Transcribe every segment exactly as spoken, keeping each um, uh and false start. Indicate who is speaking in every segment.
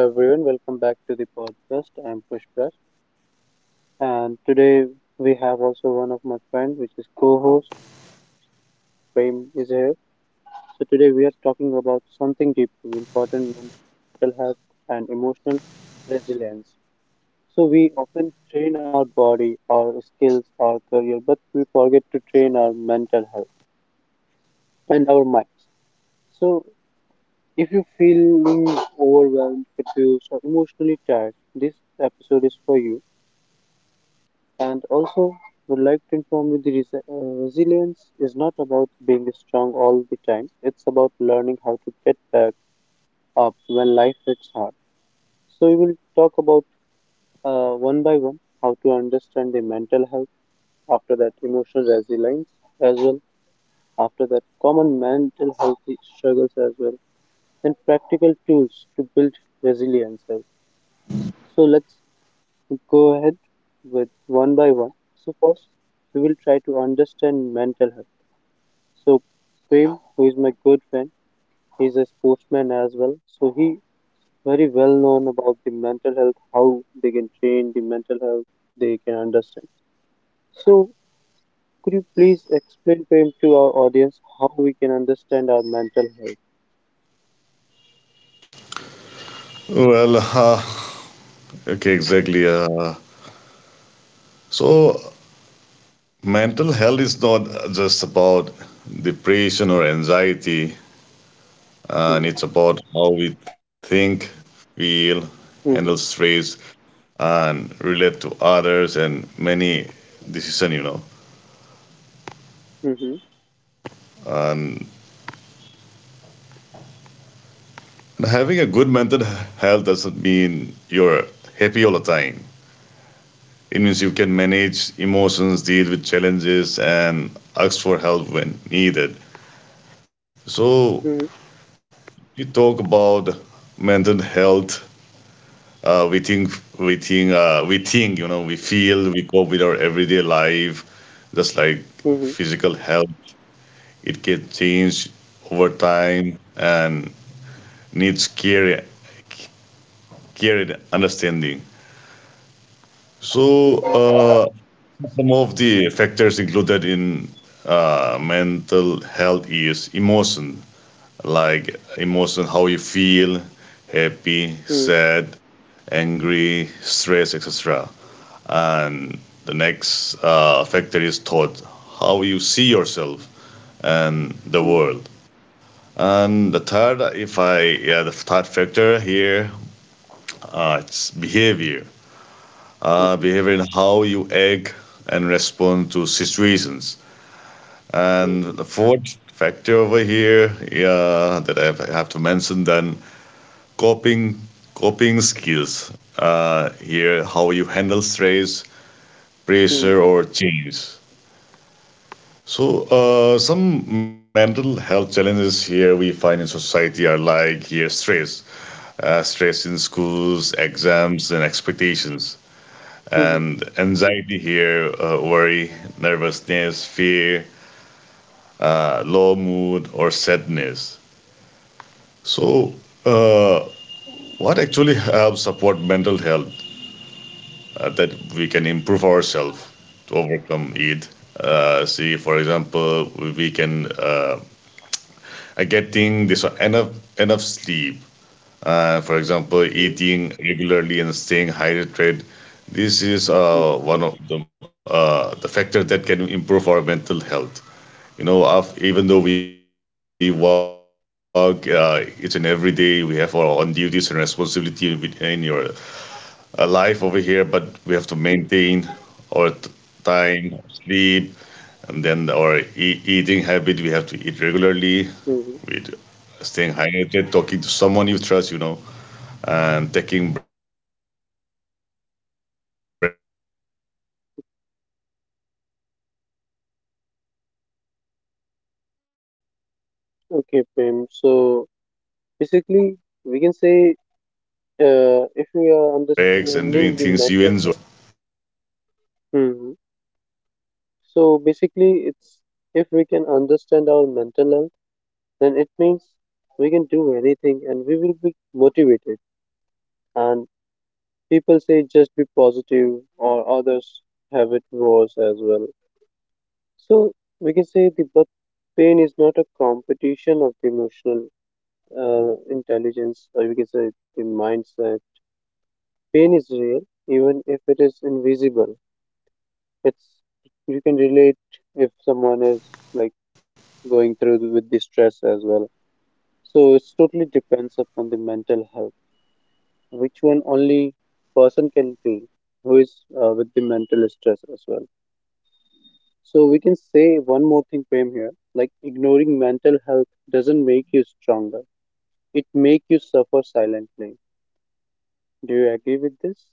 Speaker 1: Hello everyone, welcome back to the podcast. I'm Pushpa and today we have also one of my friends which is co-host Prem is here. So today we are talking about something deeply important, mental health and emotional resilience. So we often train our body, our skills, our career, but we forget to train our mental health and our minds. So if you feel overwhelmed, confused or emotionally tired, this episode is for you. And also, would like to inform you the res- uh, resilience is not about being strong all the time. It's about learning how to get back up when life hits hard. So we will talk about uh, one by one how to understand the mental health. After that, emotional resilience as well. After that, common mental health struggles as well. Then practical tools to build resilience as well. So let's go ahead with one by one. So, first, we will try to understand mental health. So, Prem, who is my good friend, he's a sportsman as well. So, he very well known about the mental health, how they can train the mental health, they can understand. So, could you please explain, Prem, to our audience how we can understand our mental health?
Speaker 2: Well, uh, okay, exactly. Uh, so, mental health is not just about depression or anxiety, uh, and
Speaker 1: Hmm.
Speaker 2: it's about how we think, feel, handle
Speaker 1: Mhm.
Speaker 2: stress, and relate to others, and many decision. You know,
Speaker 1: Mhm.
Speaker 2: and having a good mental health doesn't mean you're happy all the time. It means you can manage emotions, deal with challenges, and ask for help when needed. So
Speaker 1: Mhm.
Speaker 2: you talk about mental health, uh, we think we think uh, we think you know we feel we cope with our everyday life just like
Speaker 1: Mhm.
Speaker 2: physical health. It can change over time and needs care care and understanding. so
Speaker 1: Mhm.
Speaker 2: uh, some of the factors included in uh, mental health is emotion, like emotion, how you feel: happy,
Speaker 1: Mhm.
Speaker 2: sad, angry, stress, et cetera. And the next uh, factor is thought, how you see yourself and the world. And the third, if I yeah, the third factor here, uh, it's behavior. Uh, behavior
Speaker 1: Mhm.
Speaker 2: in how you act and respond to situations. And
Speaker 1: Mhm.
Speaker 2: the
Speaker 1: Mhm.
Speaker 2: fourth factor over here, yeah, that I have I have to mention then coping coping skills. Uh, here, how you handle stress, pressure or
Speaker 1: Mhm.
Speaker 2: change. So, uh, some mental health challenges here we find in society are like here stress, uh, stress in schools, exams, and expectations, and
Speaker 1: Mhm.
Speaker 2: anxiety here, uh, worry, nervousness, fear, uh, low mood, or sadness. So, uh, what actually helps support mental health, uh, that we can improve ourselves to overcome it? Uh, see, for example, we we can uh, uh, getting this enough enough sleep. Uh, for example, eating regularly and staying hydrated. This is uh,
Speaker 1: Mhm.
Speaker 2: one of the, uh, the factors that can improve our mental health. You know, af- even though we work uh, each and every day, we have our own duties and responsibility with- in your uh, life over here, but we have to maintain our t-
Speaker 1: Mhm.
Speaker 2: time, sleep, and then our e- eating habit. We have to eat regularly, with
Speaker 1: Mhm.
Speaker 2: staying hydrated, talking to someone you trust, you know, and taking breaks and doing things you enjoy and moving your body, like like I love playing sports. So playing sports,
Speaker 1: Okay,
Speaker 2: walking,
Speaker 1: Prem.
Speaker 2: stretching,
Speaker 1: So
Speaker 2: even if we are not playing
Speaker 1: basically,
Speaker 2: sports.
Speaker 1: we can say uh, if we are understanding the mental health, hmm, so basically, it's if we can understand our mental health, then it means we can do anything and we will be motivated. And people say just be positive, or others have it worse as well. So we can say the but pain is not a competition of the emotional uh, intelligence, or we can say the mindset. Pain is real, even if it is invisible. It's you can relate if someone is like going through with the stress as well. So it's totally depends upon the mental health, which one only person can feel who is uh, with the mental stress as well. So we can say one more thing, Prem, here. Like ignoring mental health doesn't make you stronger. It make you suffer silently. Do you agree with this?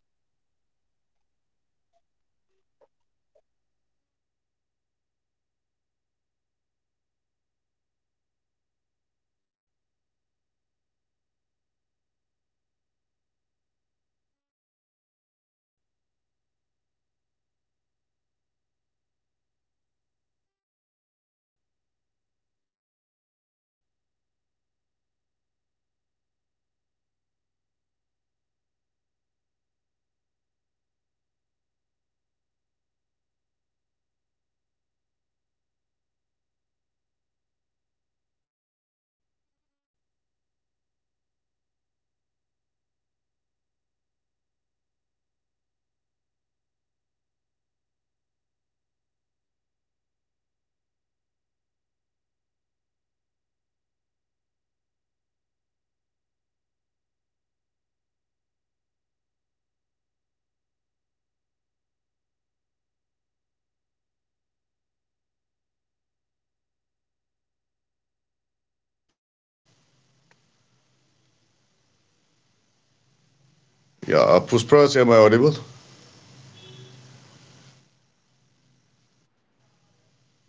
Speaker 2: Yeah, uh, Pushpraj, am I audible?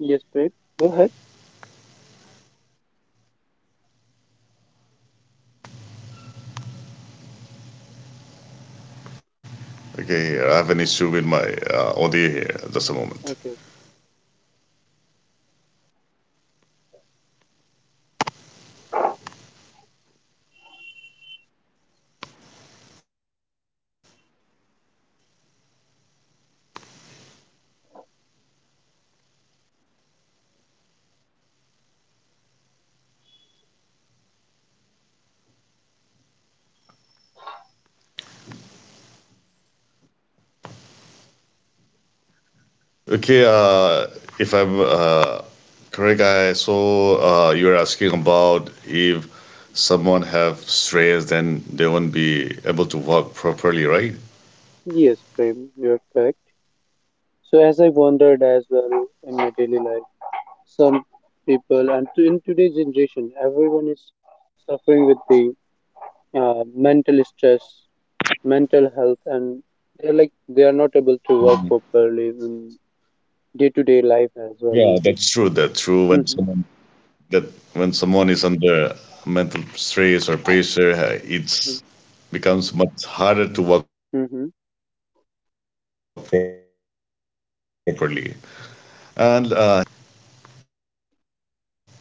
Speaker 1: Yes, Prem. Go ahead.
Speaker 2: Okay, I have an issue with my uh, audio here. Just a moment.
Speaker 1: Okay, okay.
Speaker 2: Okay, uh, if I'm uh, correct, I so uh, you're asking about if someone have stress, then they won't be able to walk properly, right?
Speaker 1: Yes, Prem, you're correct. So as I wondered as well in my daily life, some people and to- in today's generation, everyone is suffering with the uh, mental stress, mental health, and they're like they are not able to work
Speaker 2: Mhm.
Speaker 1: properly in day to day life as well.
Speaker 2: Yeah, that's true. That's
Speaker 1: Mm-hmm.
Speaker 2: true. When someone that when someone is under mental stress or pressure, uh, it's becomes much harder
Speaker 1: Mm-hmm.
Speaker 2: to walk properly. And uh, here, uh, here, let me explain why. Here, Uh,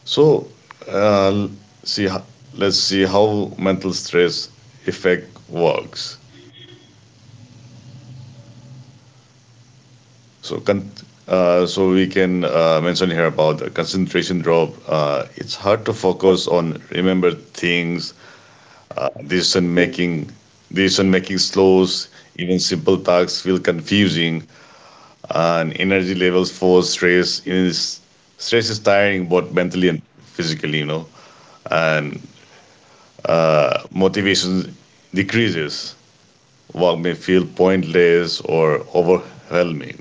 Speaker 2: So, uh, see, ho- let's see how mental stress effect works. So, con- uh, so we can uh, mention here about the concentration drop. Uh, it's hard to focus on remember things,
Speaker 1: Mm-hmm.
Speaker 2: decision making, decision making slows. Even simple tasks feel confusing, and energy levels fall. stress is stress is tiring both mentally and physically. You know, and uh, motivation decreases, work may feel pointless or overwhelming.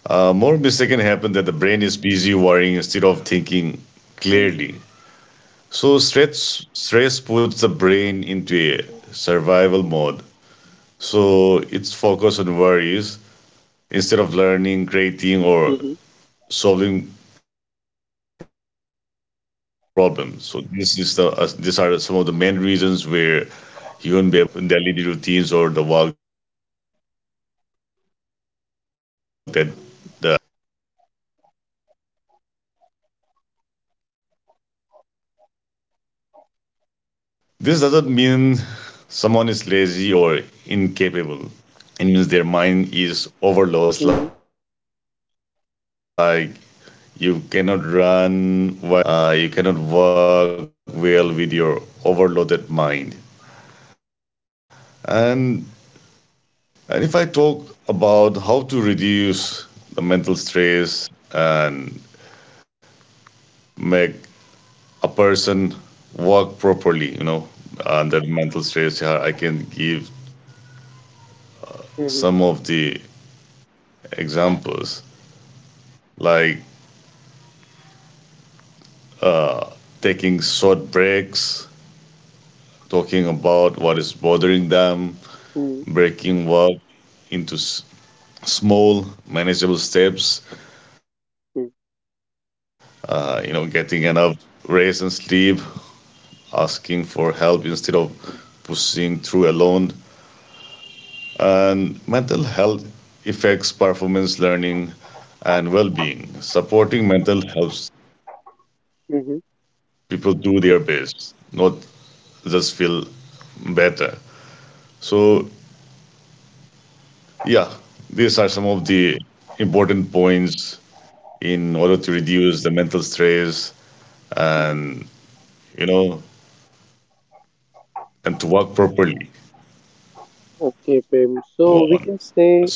Speaker 2: Uh, more mistake can happen that the brain is busy worrying instead of thinking
Speaker 1: Mm-hmm.
Speaker 2: clearly. So stress stress puts the brain into a survival mode. So it's focused on worries instead of learning, creating, or
Speaker 1: Mm-hmm.
Speaker 2: solving problems. So this is the uh, these are some of the main reasons where you won't be able to work properly, uh, with the tags, uh, with the things that you have, in daily routines or the work that the person have. And this doesn't mean someone is lazy or incapable. It means their mind is overloaded. Just like you cannot run well
Speaker 1: Mm-hmm.
Speaker 2: when with your injured legs. Uh, you cannot work well with your overloaded mind. And And if I talk about how to reduce the mental stress and make a person work properly, you know, under mental stress, yeah, I can give
Speaker 1: Mm-hmm.
Speaker 2: some of the examples like uh, taking short breaks, talking about what is bothering them,
Speaker 1: Mm-hmm.
Speaker 2: breaking work into s- small, manageable steps, uh, you know, getting enough rest and sleep, asking for help instead of pushing through alone. And mental health affects performance, learning, and well being. Supporting mental helps
Speaker 1: Mm-hmm.
Speaker 2: people do their best, not just feel better. So, yeah, these are some of the important points in order to reduce the mental stress
Speaker 1: Mm-hmm.
Speaker 2: and, you know, and to work properly.
Speaker 1: Okay, Prem. So we can
Speaker 2: One.
Speaker 1: say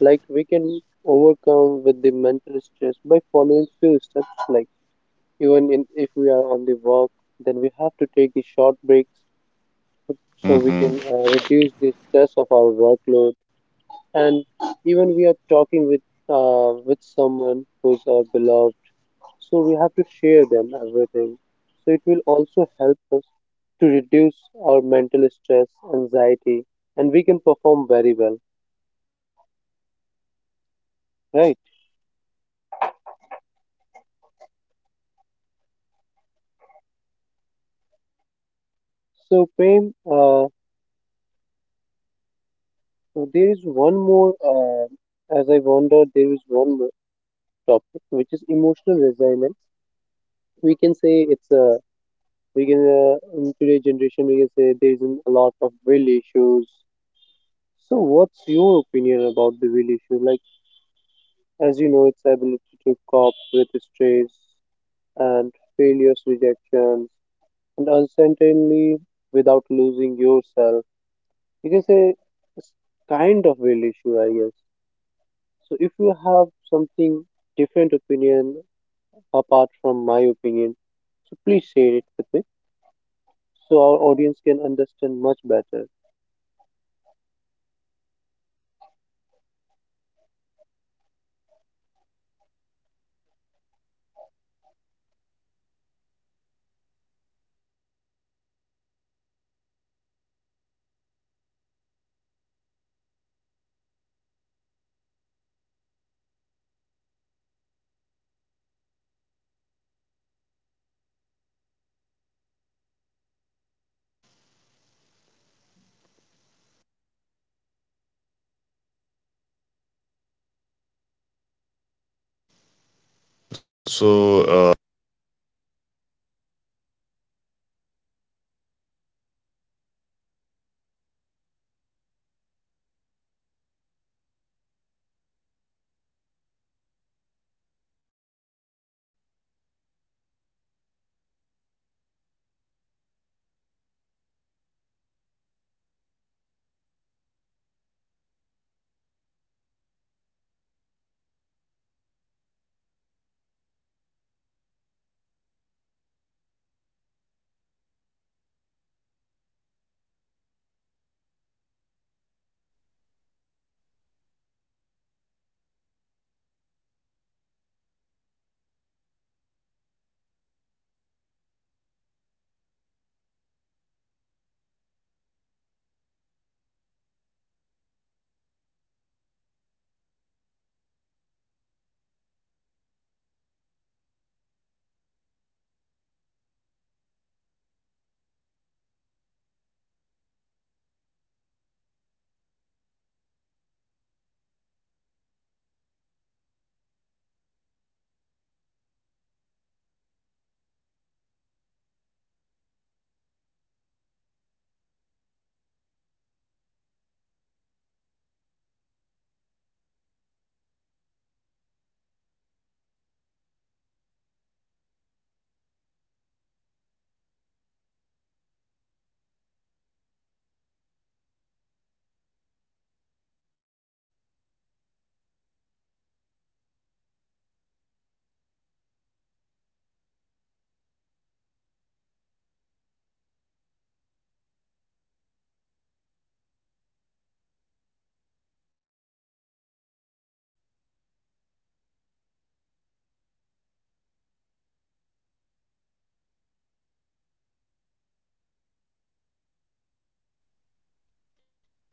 Speaker 1: like we can overcome with the mental stress by following few steps like, even in, if we are on the work, then we have to take the short breaks so we can uh,
Speaker 2: Hmm.
Speaker 1: reduce the stress of our workload. And even we are talking with uh, with someone who's our beloved, so we have to share them everything. So it will also help us to reduce our mental stress, anxiety, and we can perform very well, right? So, Prem, uh, there is one more, uh, as I wonder, there is one more topic which is emotional resilience. We can say it's a, we can uh, in today's generation we can say there is a lot of will issues. So what's your opinion about the will issue? Like as you know, its ability to cope with stress and failures, rejections and uncertainty without losing yourself. You can say it's kind of will issue, I guess. So if you have something different opinion apart from my opinion, so please share it with me so our audience can understand much better.
Speaker 2: So, Uh,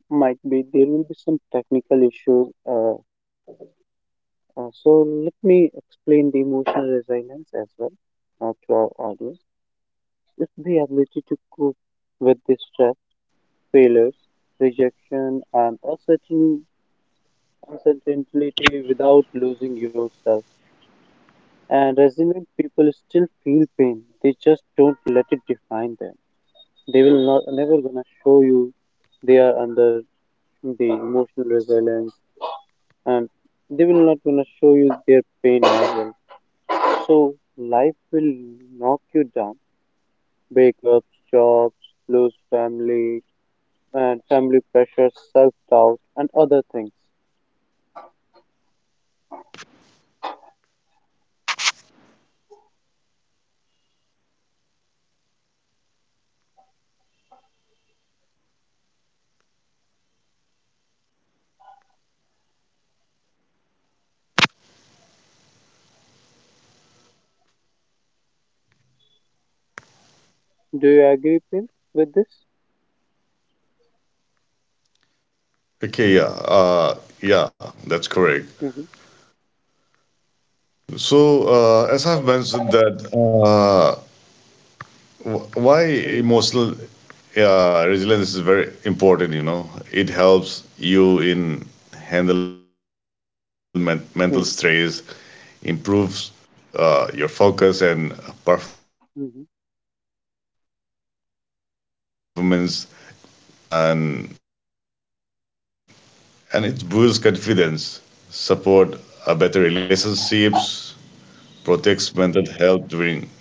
Speaker 1: Might be there will be some technical issues. Uh, uh, so let me explain the emotional resilience as well uh, to our audience. It's the ability to cope with the stress, failures, rejection, and uncertain, uncertainty without losing yourself. And resilient people still feel pain. They just don't let it define them. They will not never gonna show you they are under the emotional resilience, and they will not gonna show you their pain as well. So life will knock you down. Breakups, jobs, lose family, and family pressure, self doubt, and other things. Do you agree, Pin, with this?
Speaker 2: Okay, yeah, uh, yeah, that's
Speaker 1: Mhm.
Speaker 2: correct. So, uh, as I've mentioned that uh, wh- why
Speaker 1: Mhm.
Speaker 2: emotional uh, resilience is very important, you know, it helps you in handle men- mental stress,
Speaker 1: Mhm.
Speaker 2: improves uh, your focus and performance at your
Speaker 1: Mhm.
Speaker 2: work or at school for uh, s- and and it boosts confidence, support uh, better relationships, protects mental health during difficult times,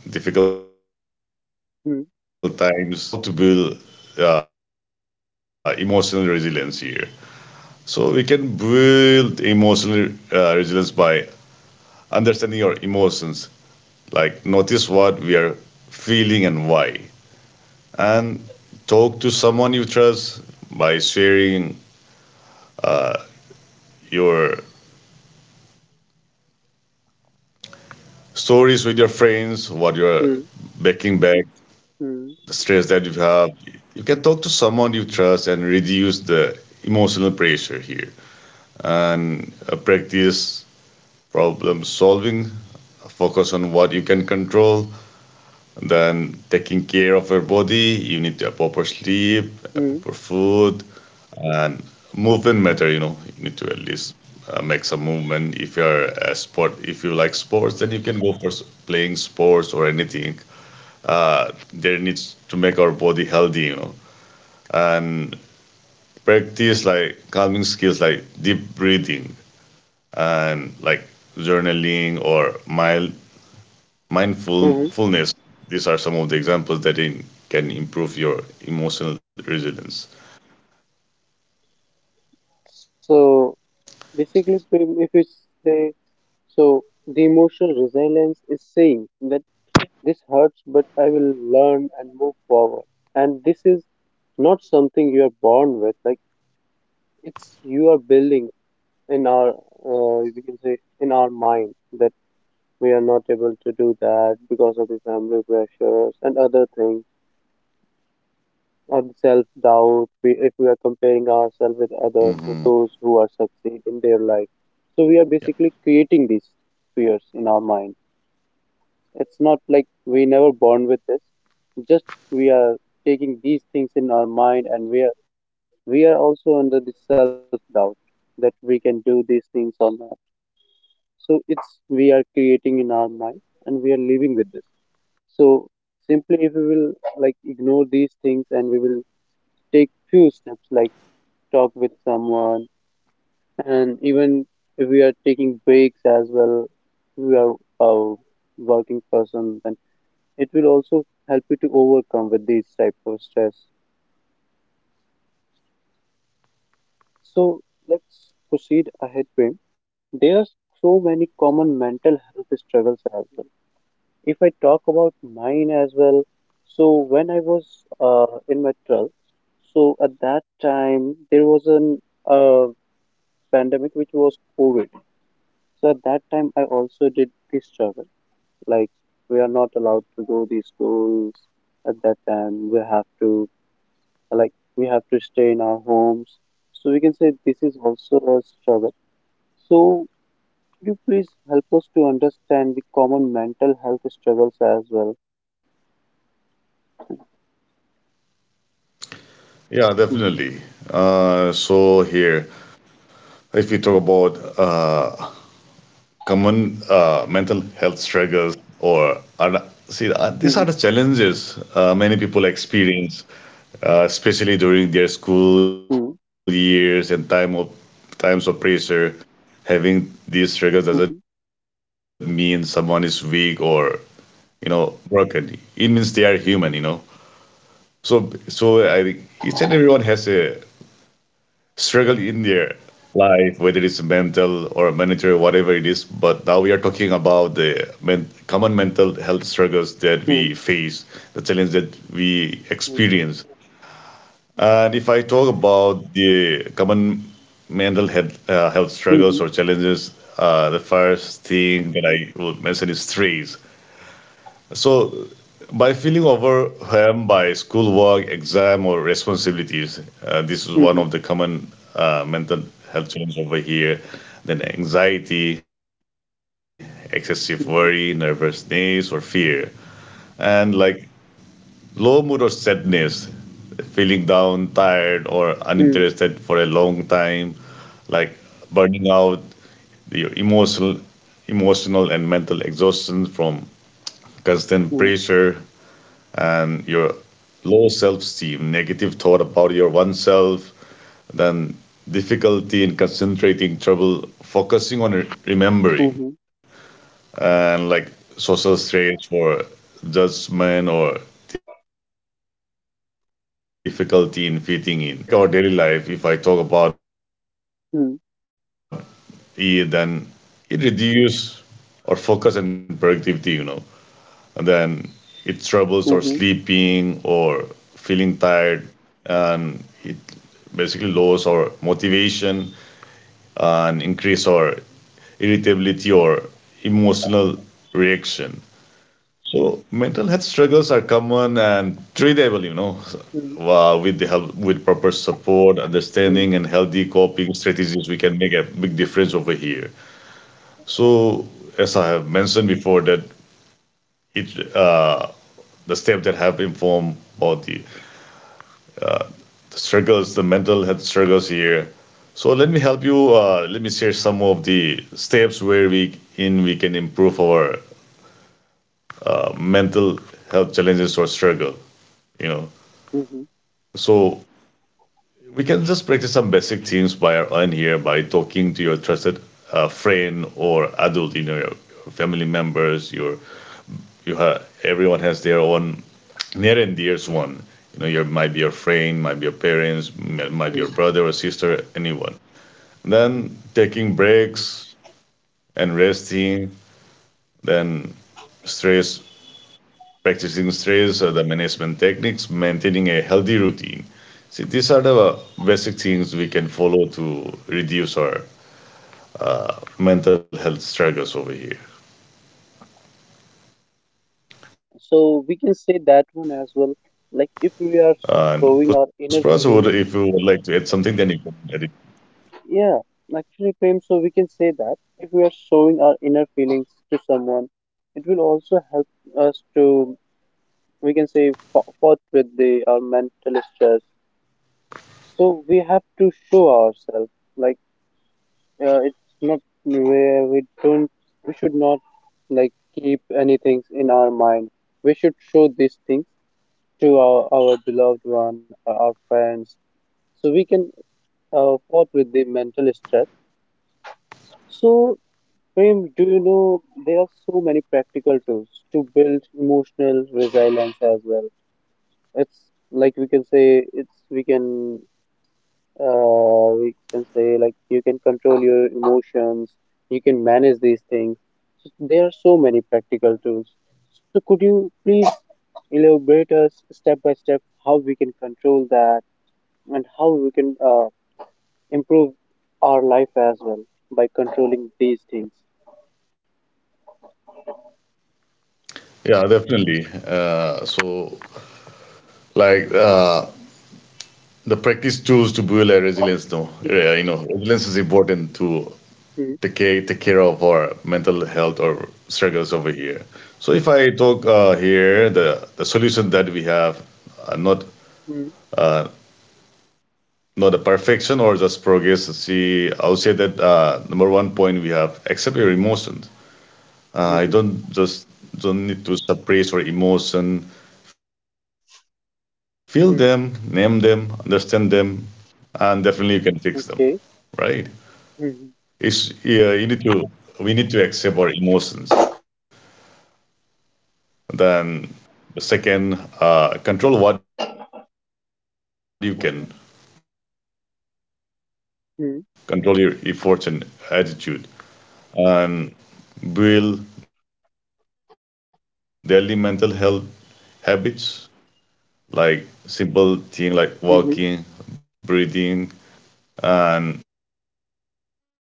Speaker 1: Mhm.
Speaker 2: and uh, let me share you on how to build uh, emotional resilience here. So we can build emotional uh, resilience by understanding our emotions, like notice what we are feeling and why, and talk to someone you trust by sharing uh, your stories with your friends, what you're
Speaker 1: Mhm.
Speaker 2: backing back,
Speaker 1: Mhm.
Speaker 2: the stress that you have. You can talk to someone you trust and reduce the emotional pressure here. And uh, practice problem solving, focus on what you can control, and then taking care of your body. You need a proper sleep, a
Speaker 1: Mhm.
Speaker 2: proper food, and movement matter. You know, you need to at least uh, make some movement. If you're a sport, if you like sports, then you can go for s- playing sports or anything. Uh, there needs to make our body healthy. You know, and practice like calming skills like deep breathing and like journaling or mild
Speaker 1: Mhm.
Speaker 2: mindfulness. These are some of the examples that in, can improve your emotional resilience.
Speaker 1: So basically, Prem, if you say so, the emotional resilience is saying that, this hurts, but I will learn and move forward. And this is not something you are born with. Like it's you are building in our, uh, we can say, in our mind that we are not able to do that because of the family pressures and other things, or the self doubt. We, if we are
Speaker 2: Hmm.
Speaker 1: comparing ourselves with others, with those who are
Speaker 2: Yeah,
Speaker 1: succeed in their life, so we are basically creating these fears in our mind. It's not like we never born with this. Just we are taking these things in our mind and we are, we are also under this self doubt that we can do these things or not. So it's we are creating in our mind and we are living with this. So simply if we will like ignore these things and we will take few steps like talk with someone, and even if we are taking breaks as well, we are a working person, then it will also help you to overcome with these type of stress. So let's proceed ahead, Prem. There are so many common mental health struggles as well. If I talk about mine as well, so when I was uh, in my twelfth, so at that time there was an uh, pandemic which was COVID. So at that time I also did this struggle. Like we are not allowed to go these schools at that time. We have to, like, we have to stay in our homes. So we can say this is also a struggle. So could you please help us to understand the common mental health struggles as well?
Speaker 2: yeah,
Speaker 1: Mhm.
Speaker 2: definitely. Uh, so here, if we talk about uh, common uh, mental health struggles or are, see, uh, these
Speaker 1: Mhm.
Speaker 2: are the challenges uh, many people experience uh, especially during their school
Speaker 1: Mhm.
Speaker 2: years and time of times of pressure. Having these struggles doesn't mean someone is weak or you know broken. It means they are human. You know, so so I think each and everyone has a struggle in their life, whether it's mental or monetary, whatever it is. But now we are talking about the men- common mental health struggles that we
Speaker 1: Mhm.
Speaker 2: face, the challenge that we
Speaker 1: Mhm.
Speaker 2: experience. And if I talk about the common mental health, uh, health
Speaker 1: Mhm.
Speaker 2: struggles or challenges, uh, the first thing that I would mention is stress. So, by feeling overwhelmed by schoolwork, exam, or responsibilities,
Speaker 1: Mhm.
Speaker 2: uh, this is one of the common uh, mental health challenges over here. Then anxiety, excessive worry,
Speaker 1: Mhm.
Speaker 2: nervousness, or fear. And like low mood or sadness, feeling down, tired, or
Speaker 1: Mhm.
Speaker 2: uninterested for a long time, like burning out, the emotional, emotional and mental exhaustion from constant
Speaker 1: Mhm.
Speaker 2: pressure, and your low self-esteem, negative thought about your oneself, then difficulty in concentrating, trouble focusing on re- remembering,
Speaker 1: Mhm.
Speaker 2: and like social stress or judgment or difficulty in fitting in. So How how this struggle affect our daily life? If I talk about it, then it reduce our focus and productivity, you know, and then it troubles our sleeping
Speaker 1: Mhm. Mhm.
Speaker 2: or feeling tired, and it basically lowers our motivation and increase our irritability or emotional reaction. So mental health struggles are common and treatable, you know,
Speaker 1: Mhm.
Speaker 2: uh, with the help with proper support,
Speaker 1: Mhm. Mhm.
Speaker 2: understanding, and healthy coping strategies, we can make a big difference over here. So as I have mentioned before, that it uh, the steps that have informed about the, the struggles, the mental health struggles here. So let me help you. Uh, let me share some of the steps where we in we can improve our uh, mental health challenges or struggle. You know,
Speaker 1: Mhm.
Speaker 2: so we can just practice some basic themes by our own here by talking to your trusted uh, friend or adult, you know, your your family members. Your you have everyone has their own near and dearest one. You know, your might be your friend, might be your parents, m- might be your brother or sister, anyone.
Speaker 1: Mhm.
Speaker 2: Then taking breaks and resting. Then stress, practicing stress, uh, the management techniques, maintaining a healthy routine. See, these are the uh, basic things we can follow to reduce our mental health struggles over here.
Speaker 1: So we can say that one as
Speaker 2: Uh,
Speaker 1: well.
Speaker 2: And
Speaker 1: Like
Speaker 2: Pushpa, so
Speaker 1: if
Speaker 2: what-
Speaker 1: we
Speaker 2: if
Speaker 1: are
Speaker 2: you would like
Speaker 1: showing
Speaker 2: to
Speaker 1: our
Speaker 2: add
Speaker 1: inner
Speaker 2: something, then you can
Speaker 1: feelings,
Speaker 2: add it.
Speaker 1: yeah, actually, Prem, so we can say that if we are showing our inner feelings to someone, it will also help us to, we can say, fo- fought with the our mental stress. So we have to show ourselves, like, uh, it's not where we don't, we should not like keep anything in our mind. We should show these things to our, our beloved one or our friends so we can uh, fought with the mental stress. So, Prem, do you know there are so many practical tools to build emotional resilience as well? It's like we can say it's we can uh, we can say like you can control your emotions, you can manage these things. So there are so many practical tools. So could you please elaborate us step by step how we can control that and how we can uh, improve our life as well by controlling these things?
Speaker 2: Yeah, definitely. Uh, so, like uh, the practice tools to build a resilience. No, yeah, you know, resilience is important to
Speaker 1: Mhm.
Speaker 2: take care, take care of our mental health or struggles over here. So, if I talk uh, here, the the solution that we have, uh, not
Speaker 1: Mhm.
Speaker 2: not a perfection or just progress. See, I would say that uh, number one point we have accept your emotions.
Speaker 1: Mhm.
Speaker 2: Uh, I
Speaker 1: Mhm. Mhm.
Speaker 2: don't just don't need to suppress your emotion. Feel them, name them, understand
Speaker 1: Mhm.
Speaker 2: them, and definitely you can fix them, right?
Speaker 1: Okay.
Speaker 2: It's, yeah, you need
Speaker 1: Mhm.
Speaker 2: to we need to accept our emotions. Then the second, uh, control what you can. Like you cannot control your outcomes, but you can control your efforts
Speaker 1: Mhm.
Speaker 2: and attitude. Build daily mental health habits like simple thing like walking, breathing, then
Speaker 1: Mhm.
Speaker 2: limiting screen time, journaling.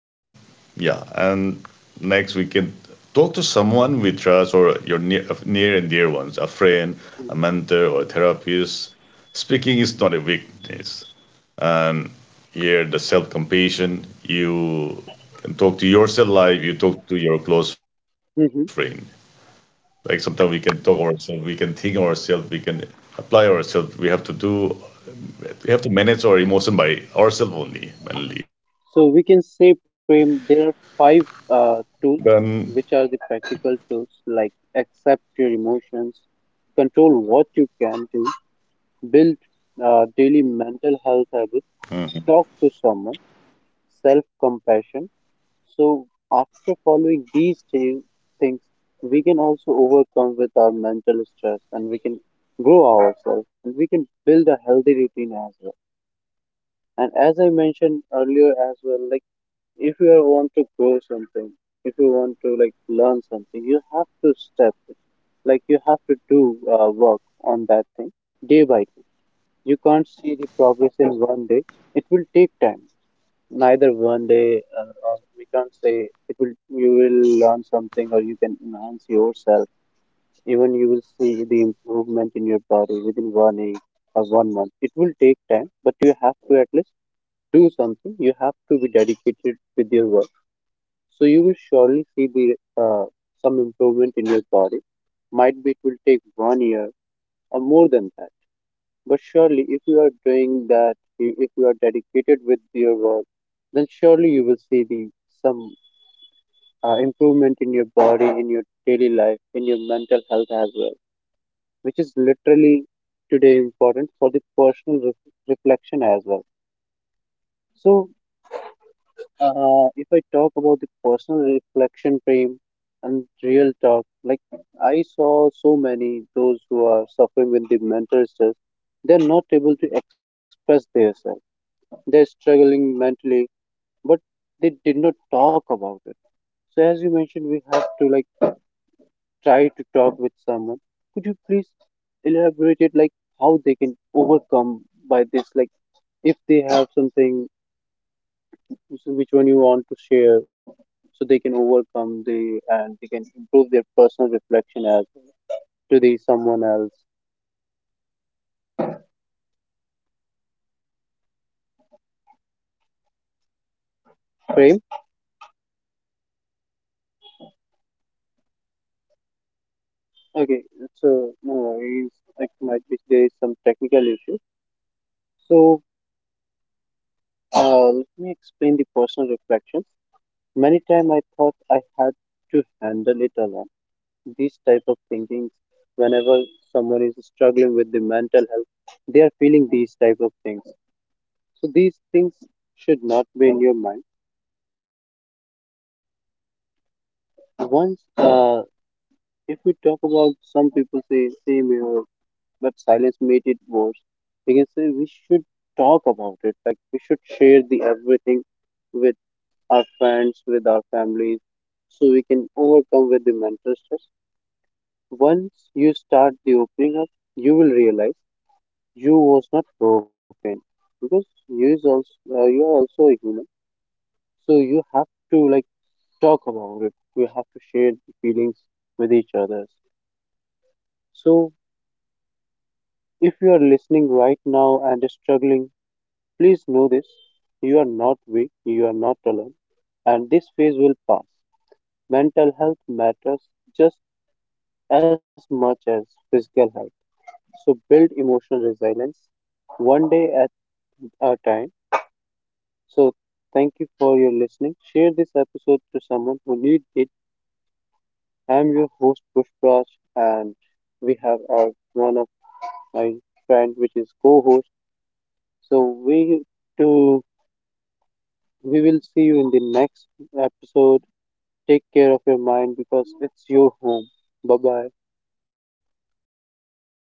Speaker 2: Yeah, and next we can talk to someone we trust or your near, uh, near and dear ones, a friend,
Speaker 1: Mhm.
Speaker 2: a mentor, or a therapist. Speaking is not a weakness. Here, the self compassion, you can talk to yourself like you talk to your close friend.
Speaker 1: Mhm.
Speaker 2: Like sometimes we can talk ourselves, we can think ourselves, we can apply ourselves. We have to do we have to manage our emotion by ourselves only mainly
Speaker 1: So we can say, Prem, there
Speaker 2: then
Speaker 1: are five uh, tools, which are the practical tools, like accept your emotions, control what you can do, build uh, daily mental health habits, talk to someone, self compassion. So after following these thi- things, we can also overcome with our mental stress and we can grow ourselves and we can build a healthy routine as well. And as I mentioned earlier as well, like if you want to grow something, if you want to like learn something, you have to step it. Like you have to do uh, work on that thing day by day. You can't see the progress in one day. It will take time. Neither one day uh, or we can't say it will, you will learn something or you can enhance yourself. Even you will see the improvement in your body within one week or one month. It will take time, but you have to at least do something. You have to be dedicated with your work, so you will surely see the uh, some improvement in your body. Might be it will take one year or more than that. But surely, if you are doing that, i- if you are dedicated with your work, then surely you will see the some uh, improvement in your body, in your daily life, in your mental health as well, which is literally today important for the personal ref reflection as well. So Uh, if I talk about the personal reflection frame and real talk, like, I saw so many those who are suffering with the mental stress, they're not able to express themselves. They're struggling mentally, but they did not talk about it. So as you mentioned, we have to like try to talk with someone. Could you please elaborate it, like how they can overcome by this, like if they have something, which which one you want to share so they can overcome the and they can improve their personal reflection as to the someone else frame. Okay, so no worries. Like might be there is some technical issue. So uh, let me explain the personal reflection. Many time I thought I had to handle it alone, these type of thinkings. Whenever someone is struggling with the mental health, they are feeling these type of things. So these things should not be in your mind. Once, uh, if we talk about, some people say same here, but silence made it worse. We can say we should talk about it. Like we should share the everything with our friends, with our families, so we can overcome with the mental stress. Once you start the opening up, you will realize you was not broken because you is also, uh, you are also a human. So you have to like talk about it. You have to share the feelings with each other. So if you are listening right now and struggling, please know this. You are not weak, you are not alone, and this phase will pass. Mental health matters just as much as physical health. So build emotional resilience one day at a time. So thank you for your listening. Share this episode to someone who needs it. I'm your host Pushpraj, and we have our one of my friend which is co-host. So we to, we will see you in the next episode. Take care of your mind because it's your home. Bye bye.